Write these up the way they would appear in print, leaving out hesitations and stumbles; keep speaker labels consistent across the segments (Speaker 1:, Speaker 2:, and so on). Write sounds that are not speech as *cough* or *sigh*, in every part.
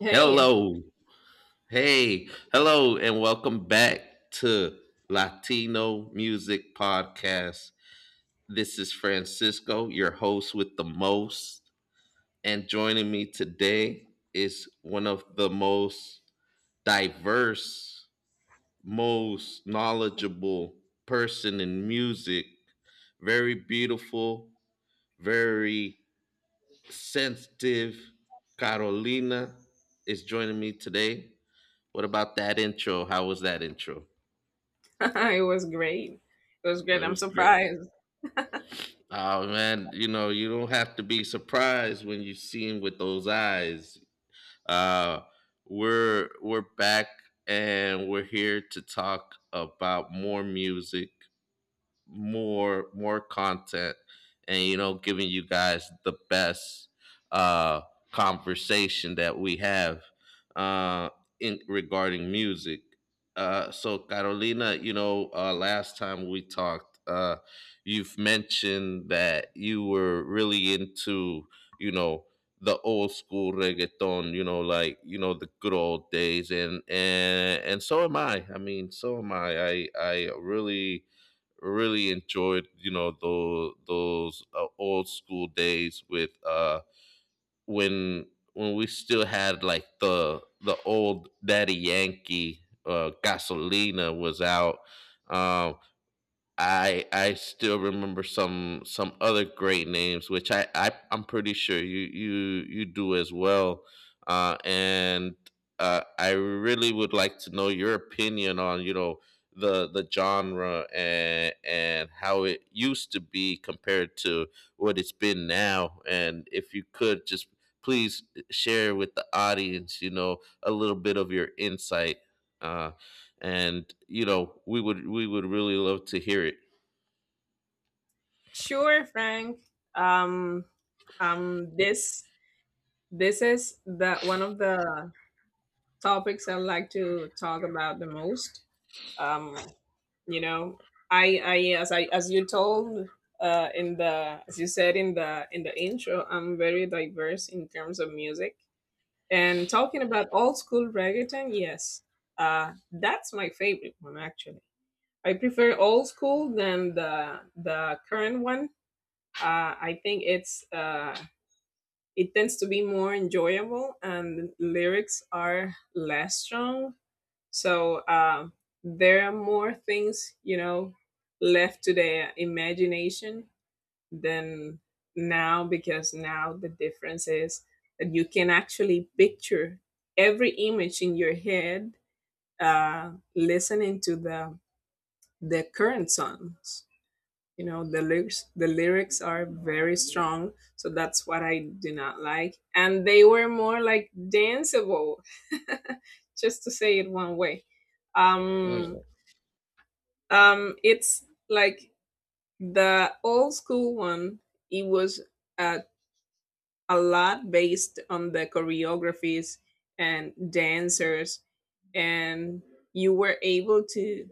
Speaker 1: Hey,
Speaker 2: Hello. Hey. Hello and welcome back to Latino Music Podcast. This is Francisco, your host with the most. And joining me today is one of the most diverse, most knowledgeable person in music. Very beautiful, very sensitive. Carolina is joining me today. What about that intro? How was that intro?
Speaker 1: *laughs* it was great. It was great.
Speaker 2: It
Speaker 1: I'm
Speaker 2: was great.
Speaker 1: surprised.
Speaker 2: Oh man, you know, you don't have to be surprised when you see him with those eyes. Uh we're back, and we're here to talk about more music, more content, and, you know, giving you guys the best uh conversation that we have uh in regarding music. So Carolina, you know, last time we talked, you've mentioned that you were really into, you know, the old school reggaeton, you know, like, you know, the good old days, and and so am I. mean, so am I. really enjoyed, you know, those old school days with when we still had like the old Daddy Yankee. Gasolina was out. um I still remember some other great names, which I'm pretty sure you you do as well. And I really would like to know your opinion on, you know, the genre and how it used to be compared to what it's been now. And if you could just please share with the audience, you know, a little bit of your insight. Uh, and you know, we would really love to hear it.
Speaker 1: Sure, Frank. Um, um, this this is the one of the topics I like to talk about the most. Um, you know I as you told in the as you said in the intro, I'm very diverse in terms of music, and talking about old school reggaeton. Yes, that's my favorite one, actually. I prefer old school than the current one. I think it tends to be more enjoyable and lyrics are less strong. So there are more things, you know, left to their imagination than now, because now the difference is that you can actually picture every image in your head, listening to the current songs. You know the lyrics. The lyrics are very strong, so that's what I do not like. And they were more like danceable, *laughs* just to say it one way. um
Speaker 2: Mm,
Speaker 1: it's like the old school one. It was uh, a lot based on the choreographies and dancers, and you were able to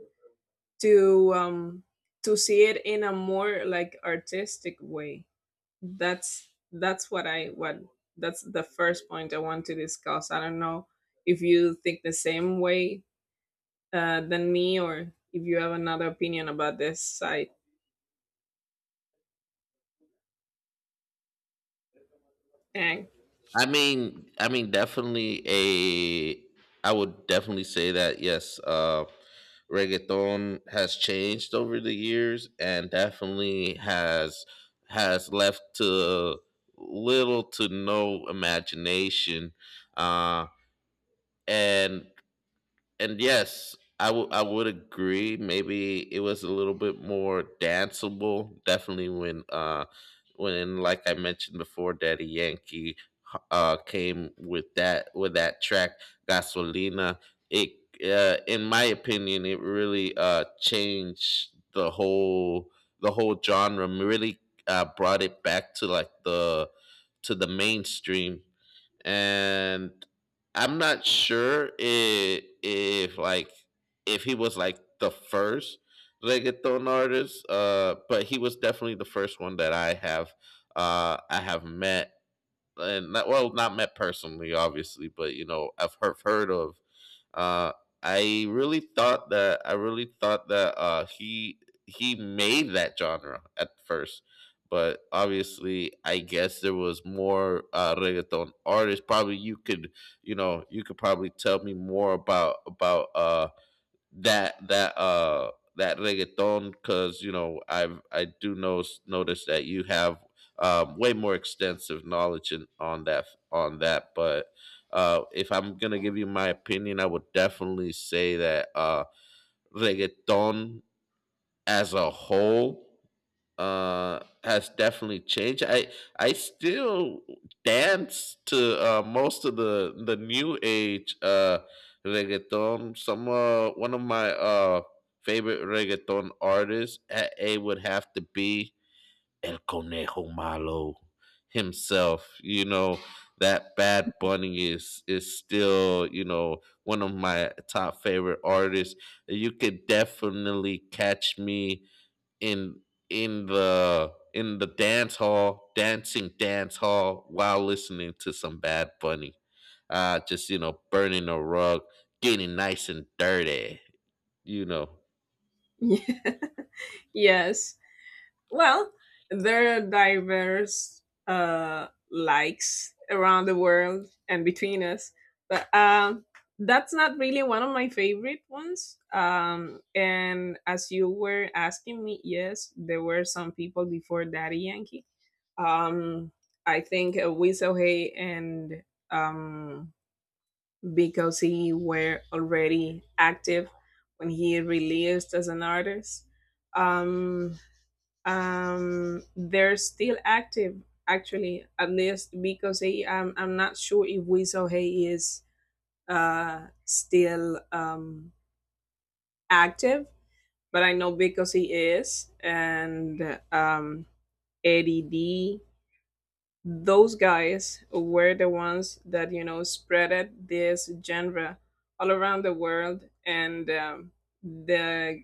Speaker 1: to um to see it in a more like artistic way. That's what I what that's the first point I want to discuss. I don't know if you think the same way than me, or if you have another opinion about this side. Dang.
Speaker 2: I mean, definitely a. I would definitely say that, yes, reggaeton has changed over the years, and definitely has left to little to no imagination, uh, and and yes, I would agree. Maybe it was a little bit more danceable. Definitely when like I mentioned before, Daddy Yankee came with that track Gasolina. It in my opinion, it really changed the whole genre. Really brought it back to like the mainstream. And I'm not sure if like if he was like the first reggaeton artist, but he was definitely the first one that I have met. And not, well, not met personally, obviously, but, you know, I've heard of. Uh, I really thought that he made that genre at first, but obviously, I guess there was more reggaeton artists. Probably you could, you know, you could probably tell me more about. That that uh that reggaeton, because, you know, I do know notice that you have way more extensive knowledge on that on that. But if I'm gonna give you my opinion, I would definitely say that reggaeton as a whole has definitely changed. I still dance to most of the new age reggaeton. Some One of my favorite reggaeton artists at a would have to be El Conejo Malo himself, you know, that Bad Bunny is still, you know, one of my top favorite artists. You could definitely catch me in in the dance hall, while listening to some Bad Bunny. Just, you know, burning a rug, getting nice and dirty, you know.
Speaker 1: *laughs* Yes. Well, there are diverse likes around the world and between us, but that's not really one of my favorite ones. And as you were asking me, yes, there were some people before Daddy Yankee. Um, I think Weasel Hay and um, because he were already active when he released as an artist. um they're still active, actually, at least because he, I'm not sure if Weasel Hay is still active, but I know Because He is, and Eddie D, those guys were the ones that, you know, spreaded this genre all around the world. And the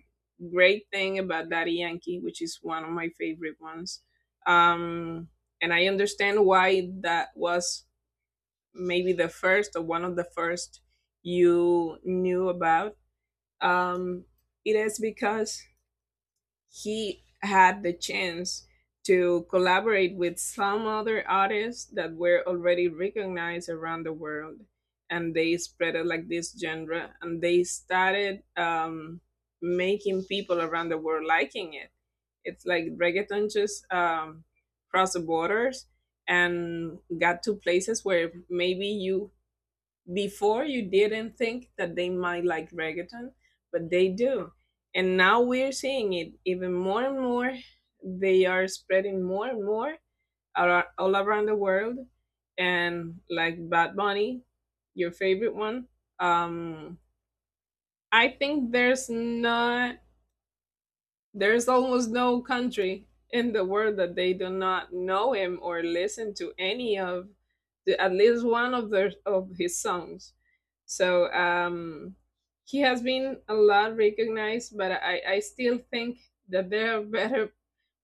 Speaker 1: great thing about Daddy Yankee, which is one of my favorite ones, um, and I understand why that was maybe the first or one of the first you knew about, um, it is because he had the chance to collaborate with some other artists that were already recognized around the world, and they spread it like this genre, and they started making people around the world liking it. It's like reggaeton just crossed the borders and got to places where maybe you before you didn't think that they might like reggaeton, but they do. And now we're seeing it even more and more. They are spreading more and more all around the world. And like Bad Bunny, your favorite one, um, I think there's not, there's almost no country in the world that they do not know him or listen to any of the, at least one of their of his songs. So he has been a lot recognized, but I still think that there are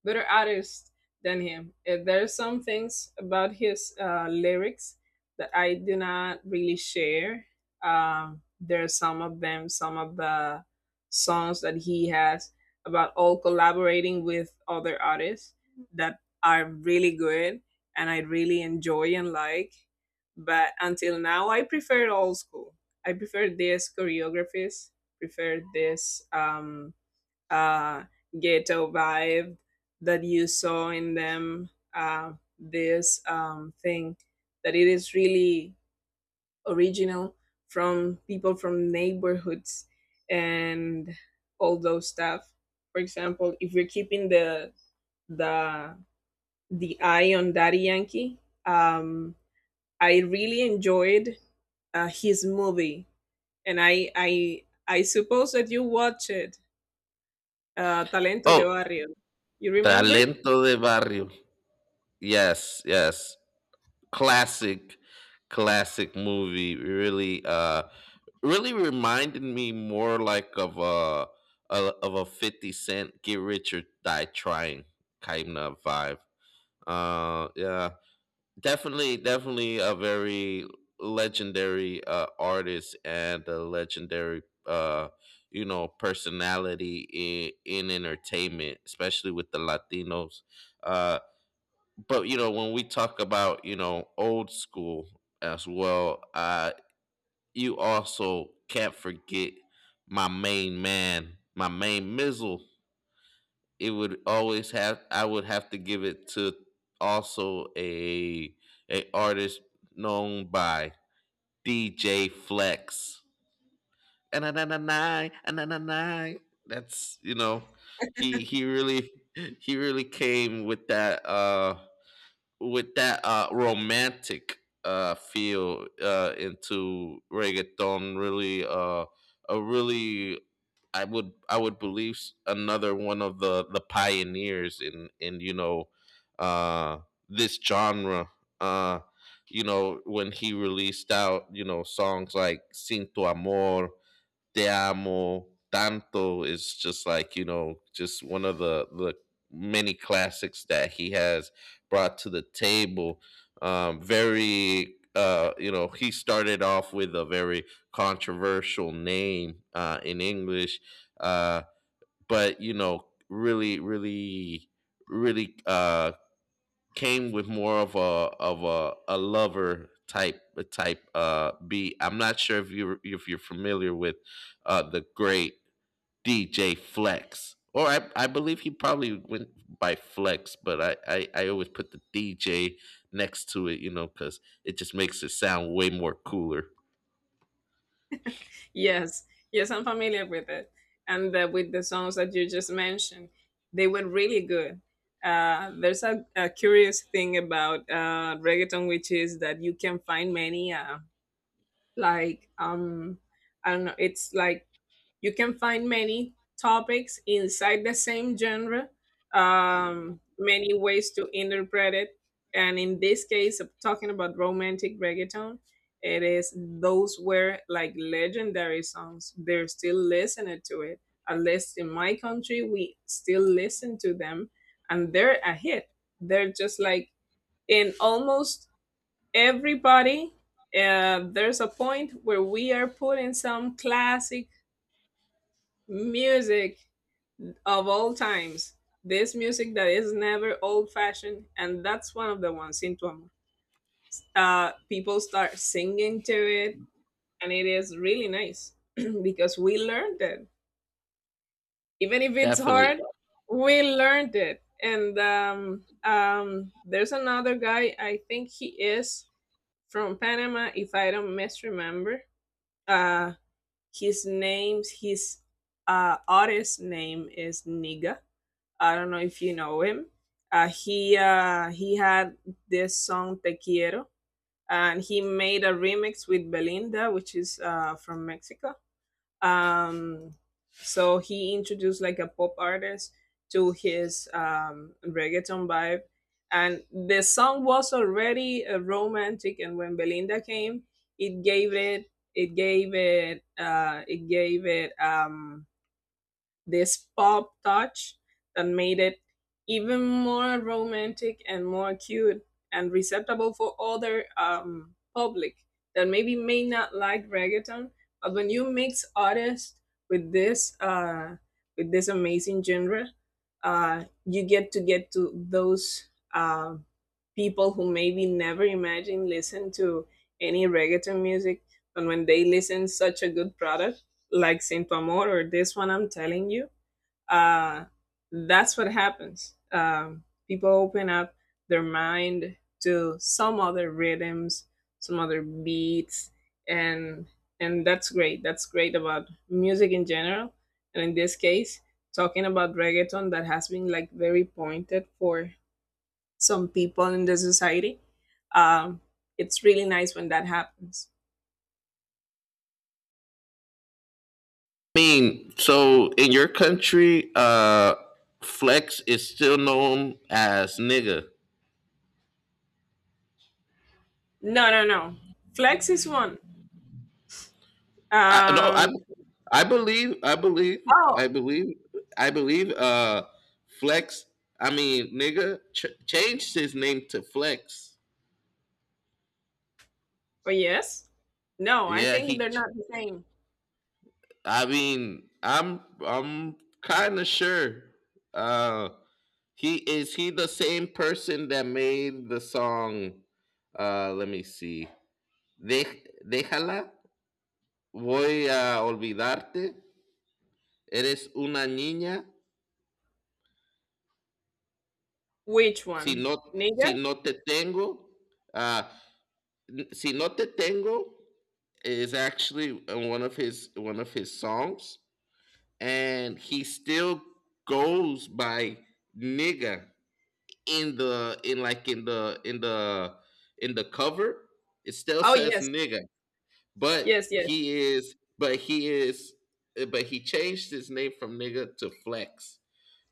Speaker 1: better artist than him. There are some things about his lyrics that I do not really share. There are some of them, some of the songs that he has about all collaborating with other artists that are really good and I really enjoy and like. But until now, I prefer old school. I prefer these choreographies, prefer this uh, ghetto vibe that you saw in them. This thing that it is really original from people from neighborhoods and all those stuff. For example, if we're keeping the the eye on Daddy Yankee, um, I really enjoyed his movie, and I suppose that you watched it, Talento de
Speaker 2: Oh,
Speaker 1: Barrio. You remember?
Speaker 2: Talento de Barrio. Yes, yes. Classic movie. Really really reminded me more like of a of a 50 cent get rich or die trying kind of vibe. Yeah, definitely, a very legendary artist and a legendary you know personality in entertainment, especially with the Latinos. uh but, you know, when we talk about, you know, old school as well, you also can't forget my main man, my main mizzle. It would always have I would have to give it to also a artist known by DJ Flex. And that's, you know, he he really he really came with that romantic feel into reggaeton. Really, a really, I would believe another one of the pioneers in, you know, uh, this genre. Uh, you know, when he released out, you know, songs like "Sin Tu Amor," "Te Amo Tanto" is just like, you know, just one of the many classics that he has brought to the table. Very you know, he started off with a very controversial name in English, uh but you know, really, really came with more of a lover type beat. I'm not sure if you if you're familiar with the great DJ Flex. Or I believe he probably went by Flex, but I always put the DJ next to it, you know, because it just makes it sound way more cooler.
Speaker 1: Yes, yes, I'm familiar with it. And with the songs that you just mentioned, they were really good. There's a curious thing about reggaeton, which is that you can find many, like, um, I don't know, it's like you can find many topics inside the same genre, many ways to interpret it. And in this case, of talking about romantic reggaeton, it is those were like legendary songs. They're still listening to it. At least in my country, we still listen to them, and they're a hit. They're just like in almost everybody there's a point where we are putting some classic music of all times. This music that is never old fashioned, and that's one of the ones in Tu Amor. People start singing to it, and it is really nice *clears throat* because we learned it. Even if it's
Speaker 2: Definitely.
Speaker 1: hard, we learned it. And there's another guy, I think he is from Panama, if I don't misremember. Uh, his artist name is Niga. I don't know if you know him. He had this song Te Quiero, and he made a remix with Belinda, which is from Mexico. Um, so he introduced like a pop artist to his reggaeton vibe, and the song was already romantic. And when Belinda came, it gave it this pop touch that made it even more romantic and more cute and receptable for other public that maybe may not like reggaeton. But when you mix artists with this uh, with this amazing genre, you get to those people who maybe never imagined listen to any reggaeton music, and when they listen such a good product like Sin Tu Amor or this one I'm telling you, uh, that's what happens. People open up their mind to some other rhythms, some other beats, and that's great. That's great about music in general, and in this case, talking about reggaeton that has been like very pointed for some people in the society. Um, it's really nice when that happens.
Speaker 2: I mean, so in your country, Flex is still known as nigga.
Speaker 1: No, no, no. Flex is one.
Speaker 2: I no,
Speaker 1: Um,
Speaker 2: I believe, I believe,
Speaker 1: oh,
Speaker 2: I believe, I believe. Flex. I mean, nigga changed his name to Flex.
Speaker 1: Oh, yes? No, I
Speaker 2: Yeah,
Speaker 1: think they're not the same.
Speaker 2: I mean, I'm kind of sure. Uh, he is he the same person that made the song. Let me see. De, déjala. Voy a olvidarte. Eres una niña.
Speaker 1: Which
Speaker 2: Si
Speaker 1: one?
Speaker 2: no, si
Speaker 1: Neither?
Speaker 2: no te tengo, uh, si no te tengo is actually one of his songs, and he still goes by nigga in the in like in the in the cover. It still
Speaker 1: Oh,
Speaker 2: says
Speaker 1: yes.
Speaker 2: nigga,
Speaker 1: Yes, yes.
Speaker 2: but he is but he changed his name from nigga to Flex,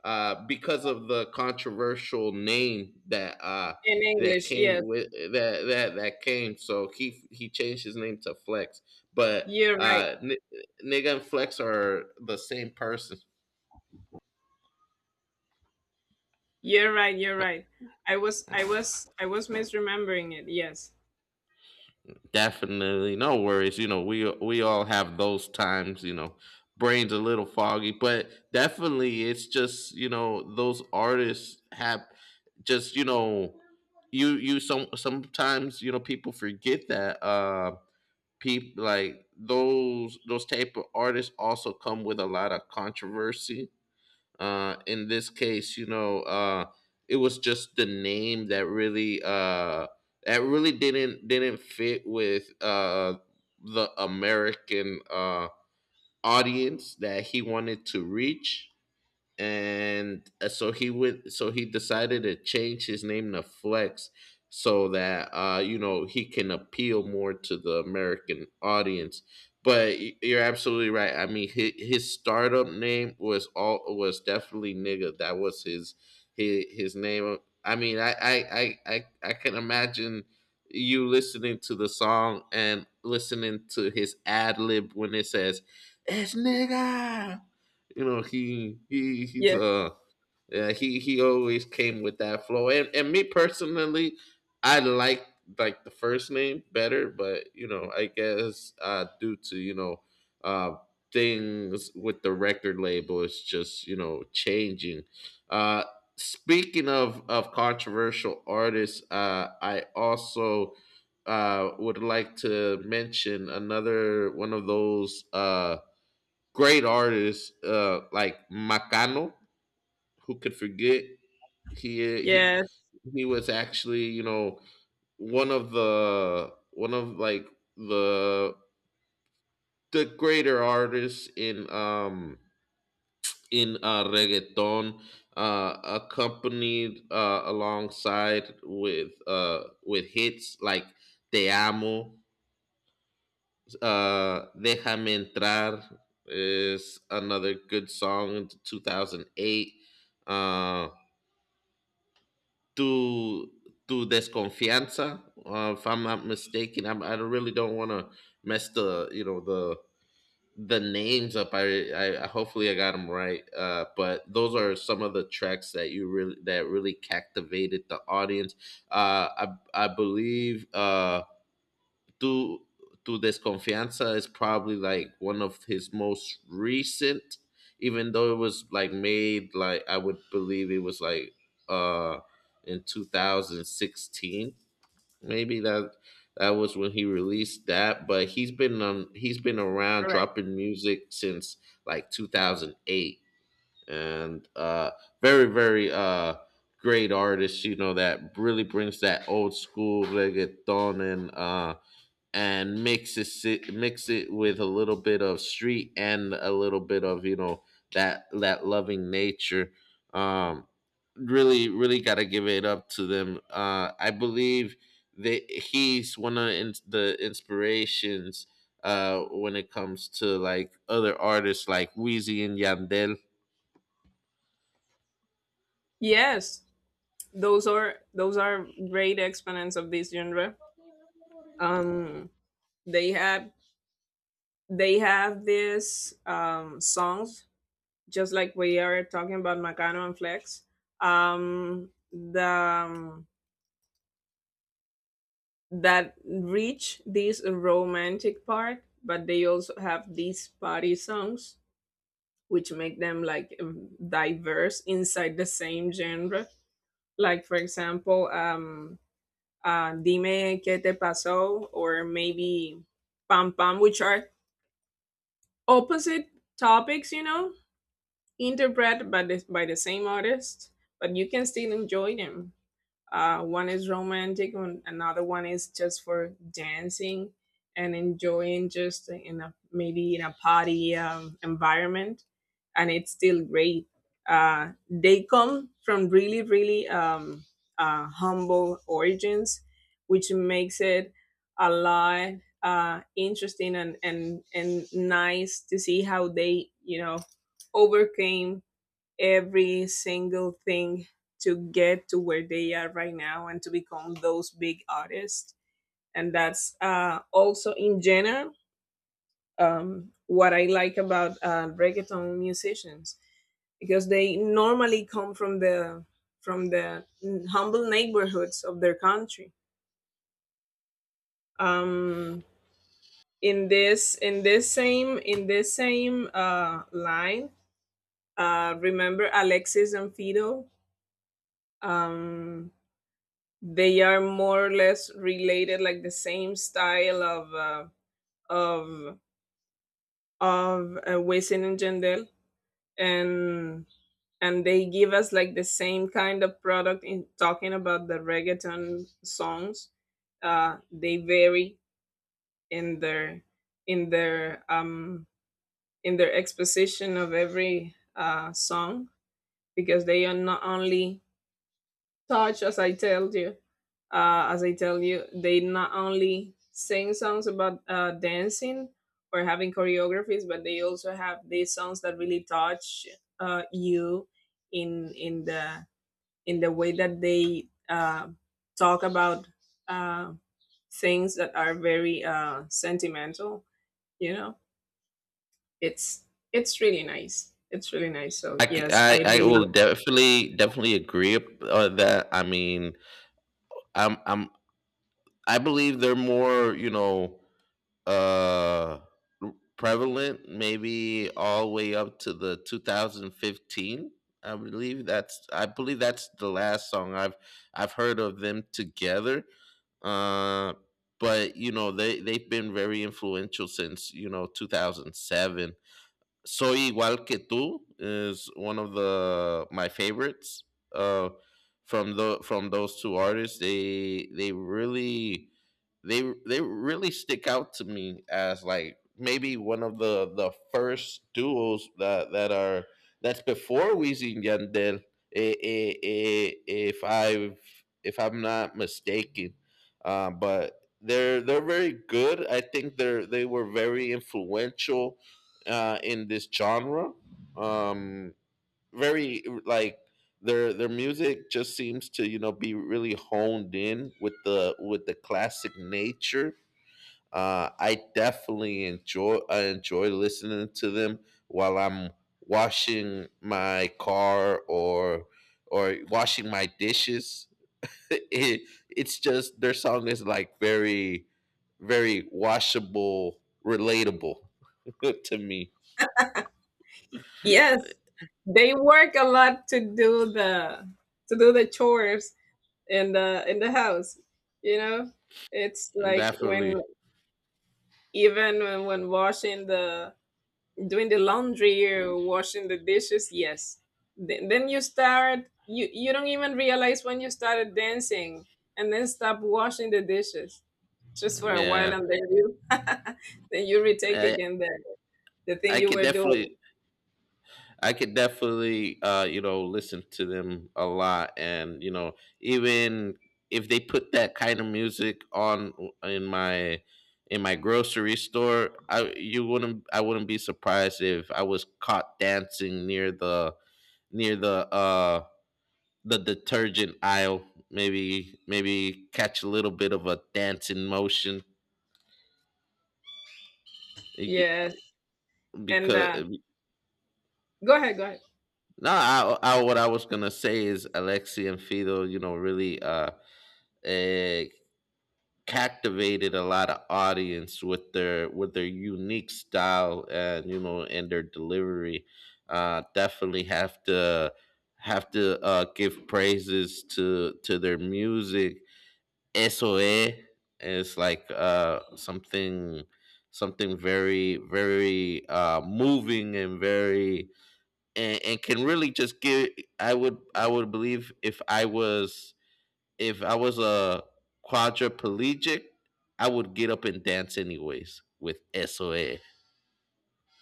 Speaker 2: because of the controversial name that
Speaker 1: In
Speaker 2: that
Speaker 1: English, yes.
Speaker 2: came with that came. So he changed his name to Flex, but
Speaker 1: You're right.
Speaker 2: uh, N- nigga and Flex are the same person.
Speaker 1: You're right. You're right. I was misremembering it. Yes.
Speaker 2: Definitely, no worries. You know, we all have those times. You know, brain's a little foggy. But definitely, it's just, you know, those artists have, just, you know, you sometimes, you know, people forget that people like those type of artists also come with a lot of controversy. In this case, you know, it was just the name that really that really didn't fit with the American audience that he wanted to reach. And so he decided to change his name to Flex so that, you know, he can appeal more to the American audience. But you're absolutely right. I mean, his startup name was definitely nigga. That was his his name. I mean, I can imagine you listening to the song and listening to his ad lib when it says it's nigga. You know, he's
Speaker 1: Yes.
Speaker 2: yeah, he always came with that flow. And me personally, I like the first name better. But, you know, I guess due to, you know, uh things with the record label, it's just, you know, changing. uh Speaking of controversial artists, I also would like to mention another one of those great artists, like Macano, who could forget? he he
Speaker 1: Yes,
Speaker 2: he was actually, you know, one of the one of like the greater artists in reggaeton, accompanied, alongside with hits like "Te Amo," "Déjame Entrar" is another good song in 2008. Uh Tu Tu "Desconfianza," if I'm not mistaken. I don't- really don't want to mess the, you know, the names up. Hopefully I got them right. But those are some of the tracks that you really that really captivated the audience. Uh I I believe through through Desconfianza is probably like one of his most recent, even though it was like made like I would believe it was like uh in 2016 maybe, that was when he released that. But he's been around
Speaker 1: correct.
Speaker 2: dropping music since like 2008, and very, great artist, you know, that really brings that old school reggaeton and mix it mix it with a little bit of street and a little bit of, you know, that loving nature. um Really, got to give it up to them. I believe that he's one of the the inspirations when it comes to like other artists like Wheezy and Yandel.
Speaker 1: Yes. Those are great exponents of this genre. Um they have they have these songs, just like we are talking about Macano and Flex. The that reach this romantic part, but they also have these party songs, which make them like diverse inside the same genre. Like for example, "Dime qué te pasó," or maybe "Pam Pam," which are opposite topics, you know, interpreted by the same artist, but you can still enjoy them. One is romantic, and another one is just for dancing and enjoying, just in a maybe in a party environment, and it's still great. They come from really, really humble origins, which makes it a lot interesting, and nice to see how they, you know, overcame every single thing to get to where they are right now and to become those big artists. And that's also in general what I like about reggaeton musicians, because they normally come from the from the humble neighborhoods of their country. Um, in this same line, remember Alexis and Fido? Um, they are more or less related, like the same style of of Wisin and Jandel, and they give us like the same kind of product in talking about the reggaeton songs. They vary in their in their um exposition of every song, because they are not only touch, as I told you, as I tell you, they not only sing songs about dancing or having choreographies, but they also have these songs that really touch you in the way that they talk about uh, things that are very sentimental. You know, it's really nice. It's really nice. So yes, I
Speaker 2: I
Speaker 1: really,
Speaker 2: will definitely agree on that. I mean, I'm I believe they're more uh prevalent maybe all the way up to the 2015. I believe that's the last song I've heard of them together. uh but you know they've been very influential since, you know, 2007. Soy Igual Que Tú is one of the my favorites, uh, from the from those two artists. They really they really stick out to me as like maybe one of the first duos that that are that's before Weezy and Yandel, if I'm not mistaken. But they're very good. I think they were very influential, in this genre. Um, Very like their music just seems to, you know, be really honed in with the classic nature. I enjoy listening to them while I'm washing my car or washing my dishes. *laughs* It, it's just their song is like very very washable, relatable *laughs* to me.
Speaker 1: yes, they work a lot to do the chores in the house, you know. It's like when,
Speaker 2: Definitely.
Speaker 1: even when washing the, doing the laundry or washing the dishes. Yes. Then you start, you don't even realize when you started dancing, and then stop washing the dishes just for a while,
Speaker 2: Yeah.
Speaker 1: and then you *laughs* then you retake
Speaker 2: I
Speaker 1: again the thing
Speaker 2: I
Speaker 1: you
Speaker 2: could
Speaker 1: were doing.
Speaker 2: definitely I could definitely, you know, listen to them a lot, and you know, even if they put that kind of music on in my in my grocery store. I you wouldn't I wouldn't be surprised if I was caught dancing near the detergent aisle. Maybe catch a little bit of a dancing motion
Speaker 1: Yes. and
Speaker 2: because
Speaker 1: uh go ahead, go ahead.
Speaker 2: no. What I was gonna say is Alexi and Fido, you know, really, eh, captivated a lot of audience with their unique style, and you know, and their delivery. Definitely have to Have to, give praises to their music. SOE is like, something something very very, moving and very and can really just give. I would believe if I was a quadriplegic, I would get up and dance anyways with soa.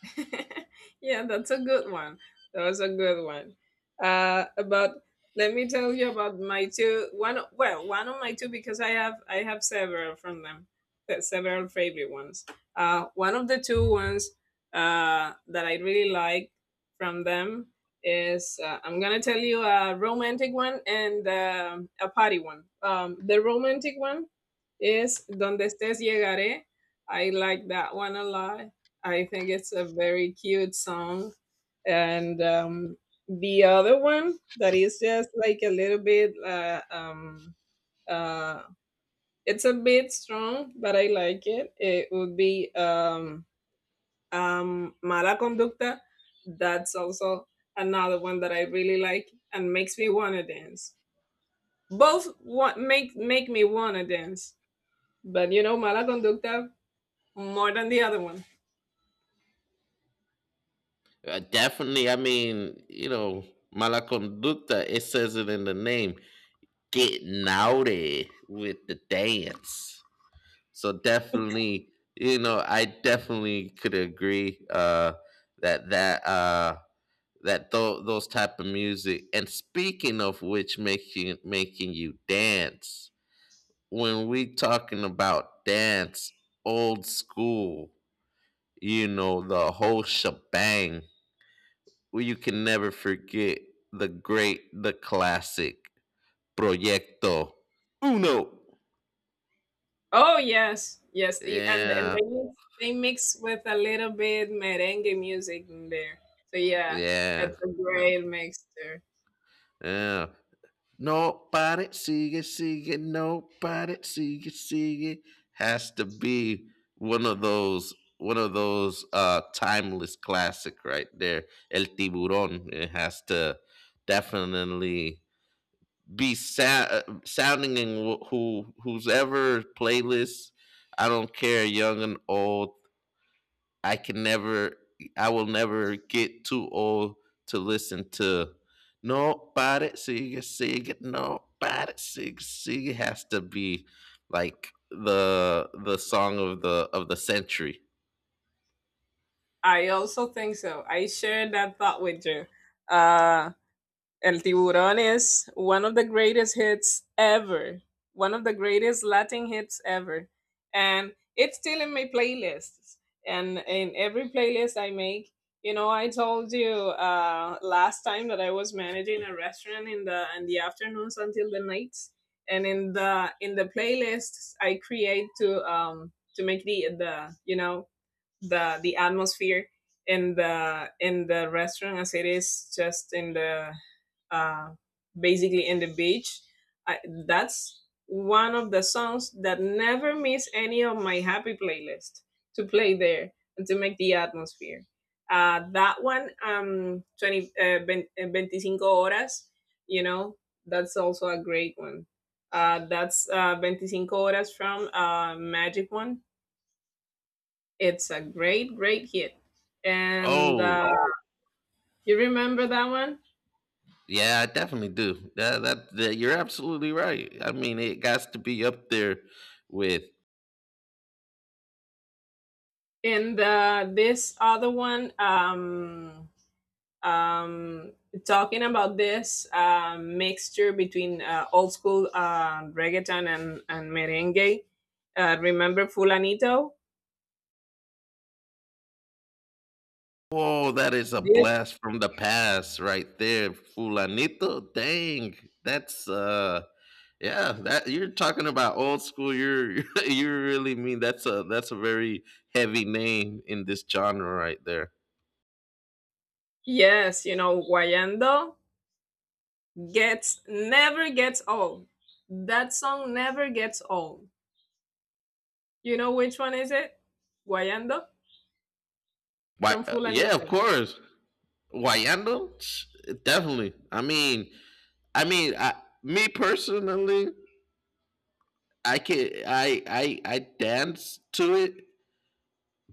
Speaker 1: *laughs* Yeah, that's a good one. That was a good one. About, let me tell you about my two well, one of my two, because I have several from them, several favorite ones. One of the two ones that I really like from them is I'm gonna tell you a romantic one and a party one. The romantic one is Donde estés llegaré. I like that one a lot. I think it's a very cute song. And The other one that is just like a little bit, uh, it's a bit strong, but I like it. It would be Mala Conducta. That's also another one that I really like and makes me want to dance. Make me want to dance. But you know, Mala Conducta more than the other one.
Speaker 2: Definitely. I mean, you know, mala conducta, it says it in the name, getting naughty with the dance. So definitely, you know, I definitely could agree, that, those type of music. And speaking of which, making you dance when we talking about dance, old school, you know, the whole shebang. Well, you can never forget the great the classic proyecto uno.
Speaker 1: Oh yes, yes, and
Speaker 2: Yeah.
Speaker 1: they mix with a little bit merengue music in there. So yeah,
Speaker 2: Yeah.
Speaker 1: that's a great mixture.
Speaker 2: Yeah. No Nobody, sigue, sigue, nobody, sigue, sigue has to be one of those timeless classic right there. El Tiburón, it has to definitely be sounding in who who's ever playlist. I don't care, young and old, I can never, I will never get too old to listen to nobody sigue sigue nobody sigue sigue. Has to be like the song of the century.
Speaker 1: I also think so. I share that thought with you. Uh, El Tiburón is one of the greatest hits ever, one of the greatest Latin hits ever. And it's still in my playlists. And in every playlist I make, you know, I told you last time that I was managing a restaurant in the afternoons until the nights, and in the playlists I create to make the atmosphere in the restaurant as it is just in the uh, basically in the beach. I, that's one of the songs that never miss any of my happy playlist to play there and to make the atmosphere. That one, 20, 25 horas, you know, that's also a great one. That's 25 horas from Magic One. It's a great, great hit. And
Speaker 2: Oh
Speaker 1: You remember that one?
Speaker 2: yeah, I definitely do. That you're absolutely right. I mean, it got to be up there with.
Speaker 1: And this other one, um, talking about this mixture between old school reggaeton and merengue. Remember Fulanito?
Speaker 2: Whoa, that is a
Speaker 1: Yes.
Speaker 2: blast from the past right there, Fulanito. Dang, that's yeah, that you're talking about old school. You're *laughs* you really mean that's a very heavy name in this genre right there.
Speaker 1: Yes, you know, Guayando gets never gets old. That song never gets old. You know which one is it? Guayando
Speaker 2: Why?
Speaker 1: from
Speaker 2: Yeah, of
Speaker 1: Fulanito.
Speaker 2: course. Wayando, sh- definitely. I mean, me personally, I can I dance to it,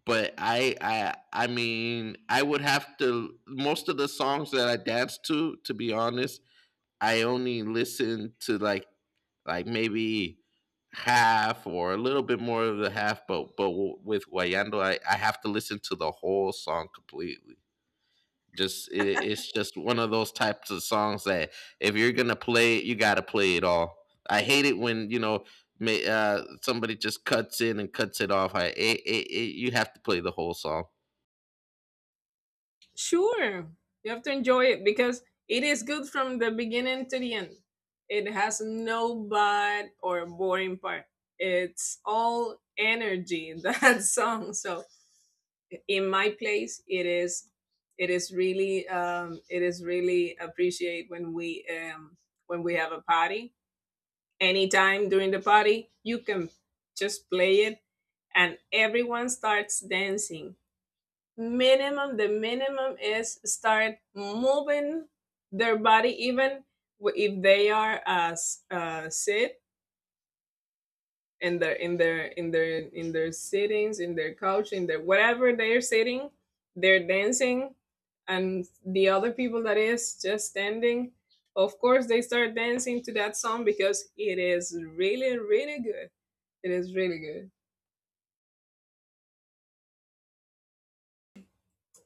Speaker 2: but I mean, I would have to most of the songs that I dance to be honest, I only listen to like maybe half or a little bit more of the half, but with Guayando, I have to listen to the whole song completely. Just it's just one of those types of songs that if you're gonna play it, you gotta play it all. I hate it when you know, somebody just cuts in and cuts it off. I it, you have to play the whole song.
Speaker 1: Sure, you have to enjoy it because it is good from the beginning to the end. It has no bad or boring part. It's all energy *laughs* that song. So in my place, it is really appreciate when we have a party. Anytime during the party, you can just play it and everyone starts dancing. Minimum The minimum is start moving their body, even if they are as sit in their sittings, in their couch, in their whatever they're sitting, they're dancing. And the other people that is just standing, of course they start dancing to that song because it is really really good. It is really good.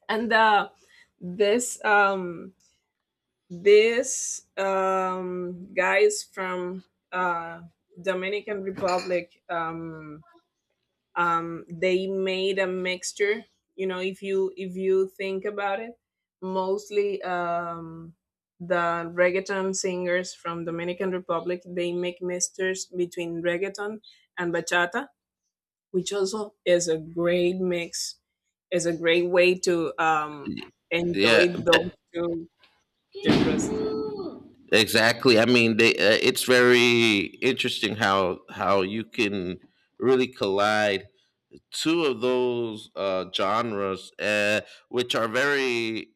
Speaker 1: And this This guy is from uh, Dominican Republic. They made a mixture. You know, if you think about it, mostly the reggaeton singers from Dominican Republic, they make mixtures between reggaeton and bachata, which also is a great mix. Is a great way to enjoy
Speaker 2: Yeah,
Speaker 1: those two genres.
Speaker 2: exactly. I mean, they, it's very interesting how you can really collide two of those, genres, which are very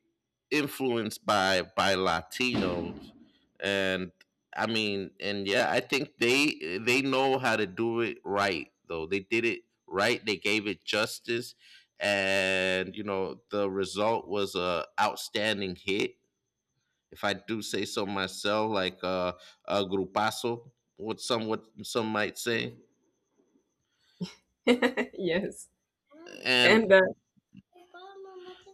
Speaker 2: influenced by Latinos, and I mean, and yeah, I think they know how to do it right. Though they did it right, they gave it justice, and you know, the result was a outstanding hit, if I do say so myself, like, a grupazo, what some might say.
Speaker 1: *laughs* yes. And
Speaker 2: And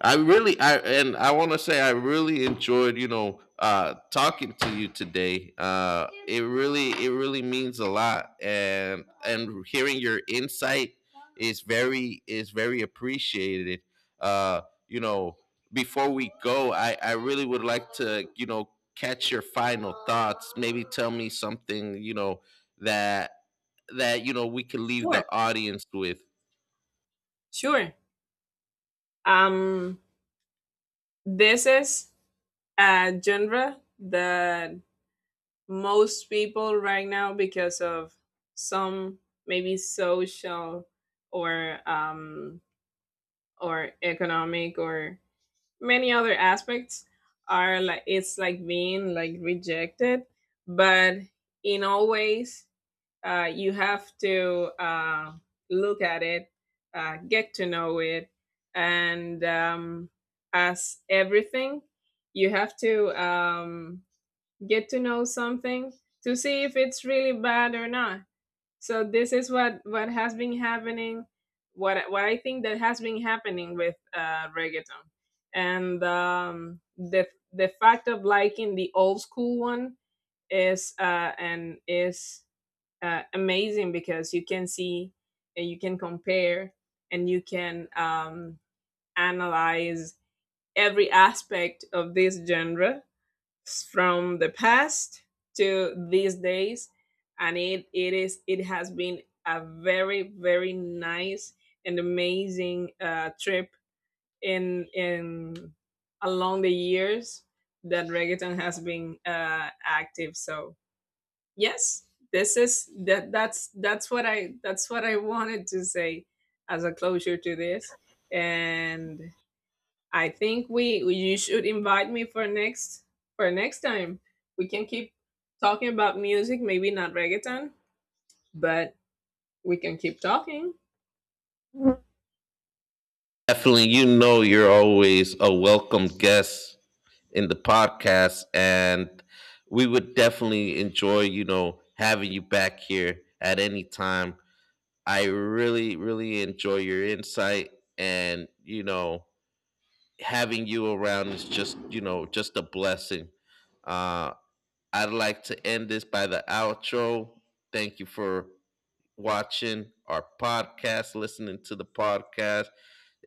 Speaker 2: I really, I and I want to say I really enjoyed, you know, talking to you today. It really means a lot, and hearing your insight is very appreciated. Uh, you know, before we go, I really would like to, you know, catch your final thoughts. Maybe tell me something, you know, that that, you know, we can leave
Speaker 1: sure,
Speaker 2: the audience with.
Speaker 1: sure. Um, this is a genre that most people right now, because of some maybe social or um, or economic or many other aspects, are like it's like being like rejected. But in always you have to look at it, get to know it, and as everything, you have to get to know something to see if it's really bad or not. So this is what has been happening, what I think that has been happening with reggaeton, and the fact of liking the old school one is and is amazing, because you can see and you can compare and you can analyze every aspect of this genre from the past to these days. And it has been a very very nice and amazing trip in along the years that reggaeton has been active. So yes, this is that's what I wanted to say as a closure to this. And I think we you should invite me for next time. We can keep talking about music, maybe not reggaeton, but we can keep talking.
Speaker 2: Definitely, you know, you're always a welcome guest in the podcast, and we would definitely enjoy, you know, having you back here at any time. I really, really enjoy your insight. And, you know, having you around is just, you know, just a blessing. Uh, I'd like to end this by the outro. Thank you for watching our podcast, listening to the podcast.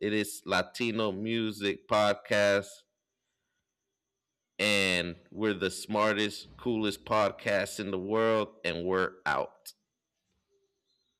Speaker 2: It is Latino Music Podcast, and we're the smartest, coolest podcast in the world, and we're out.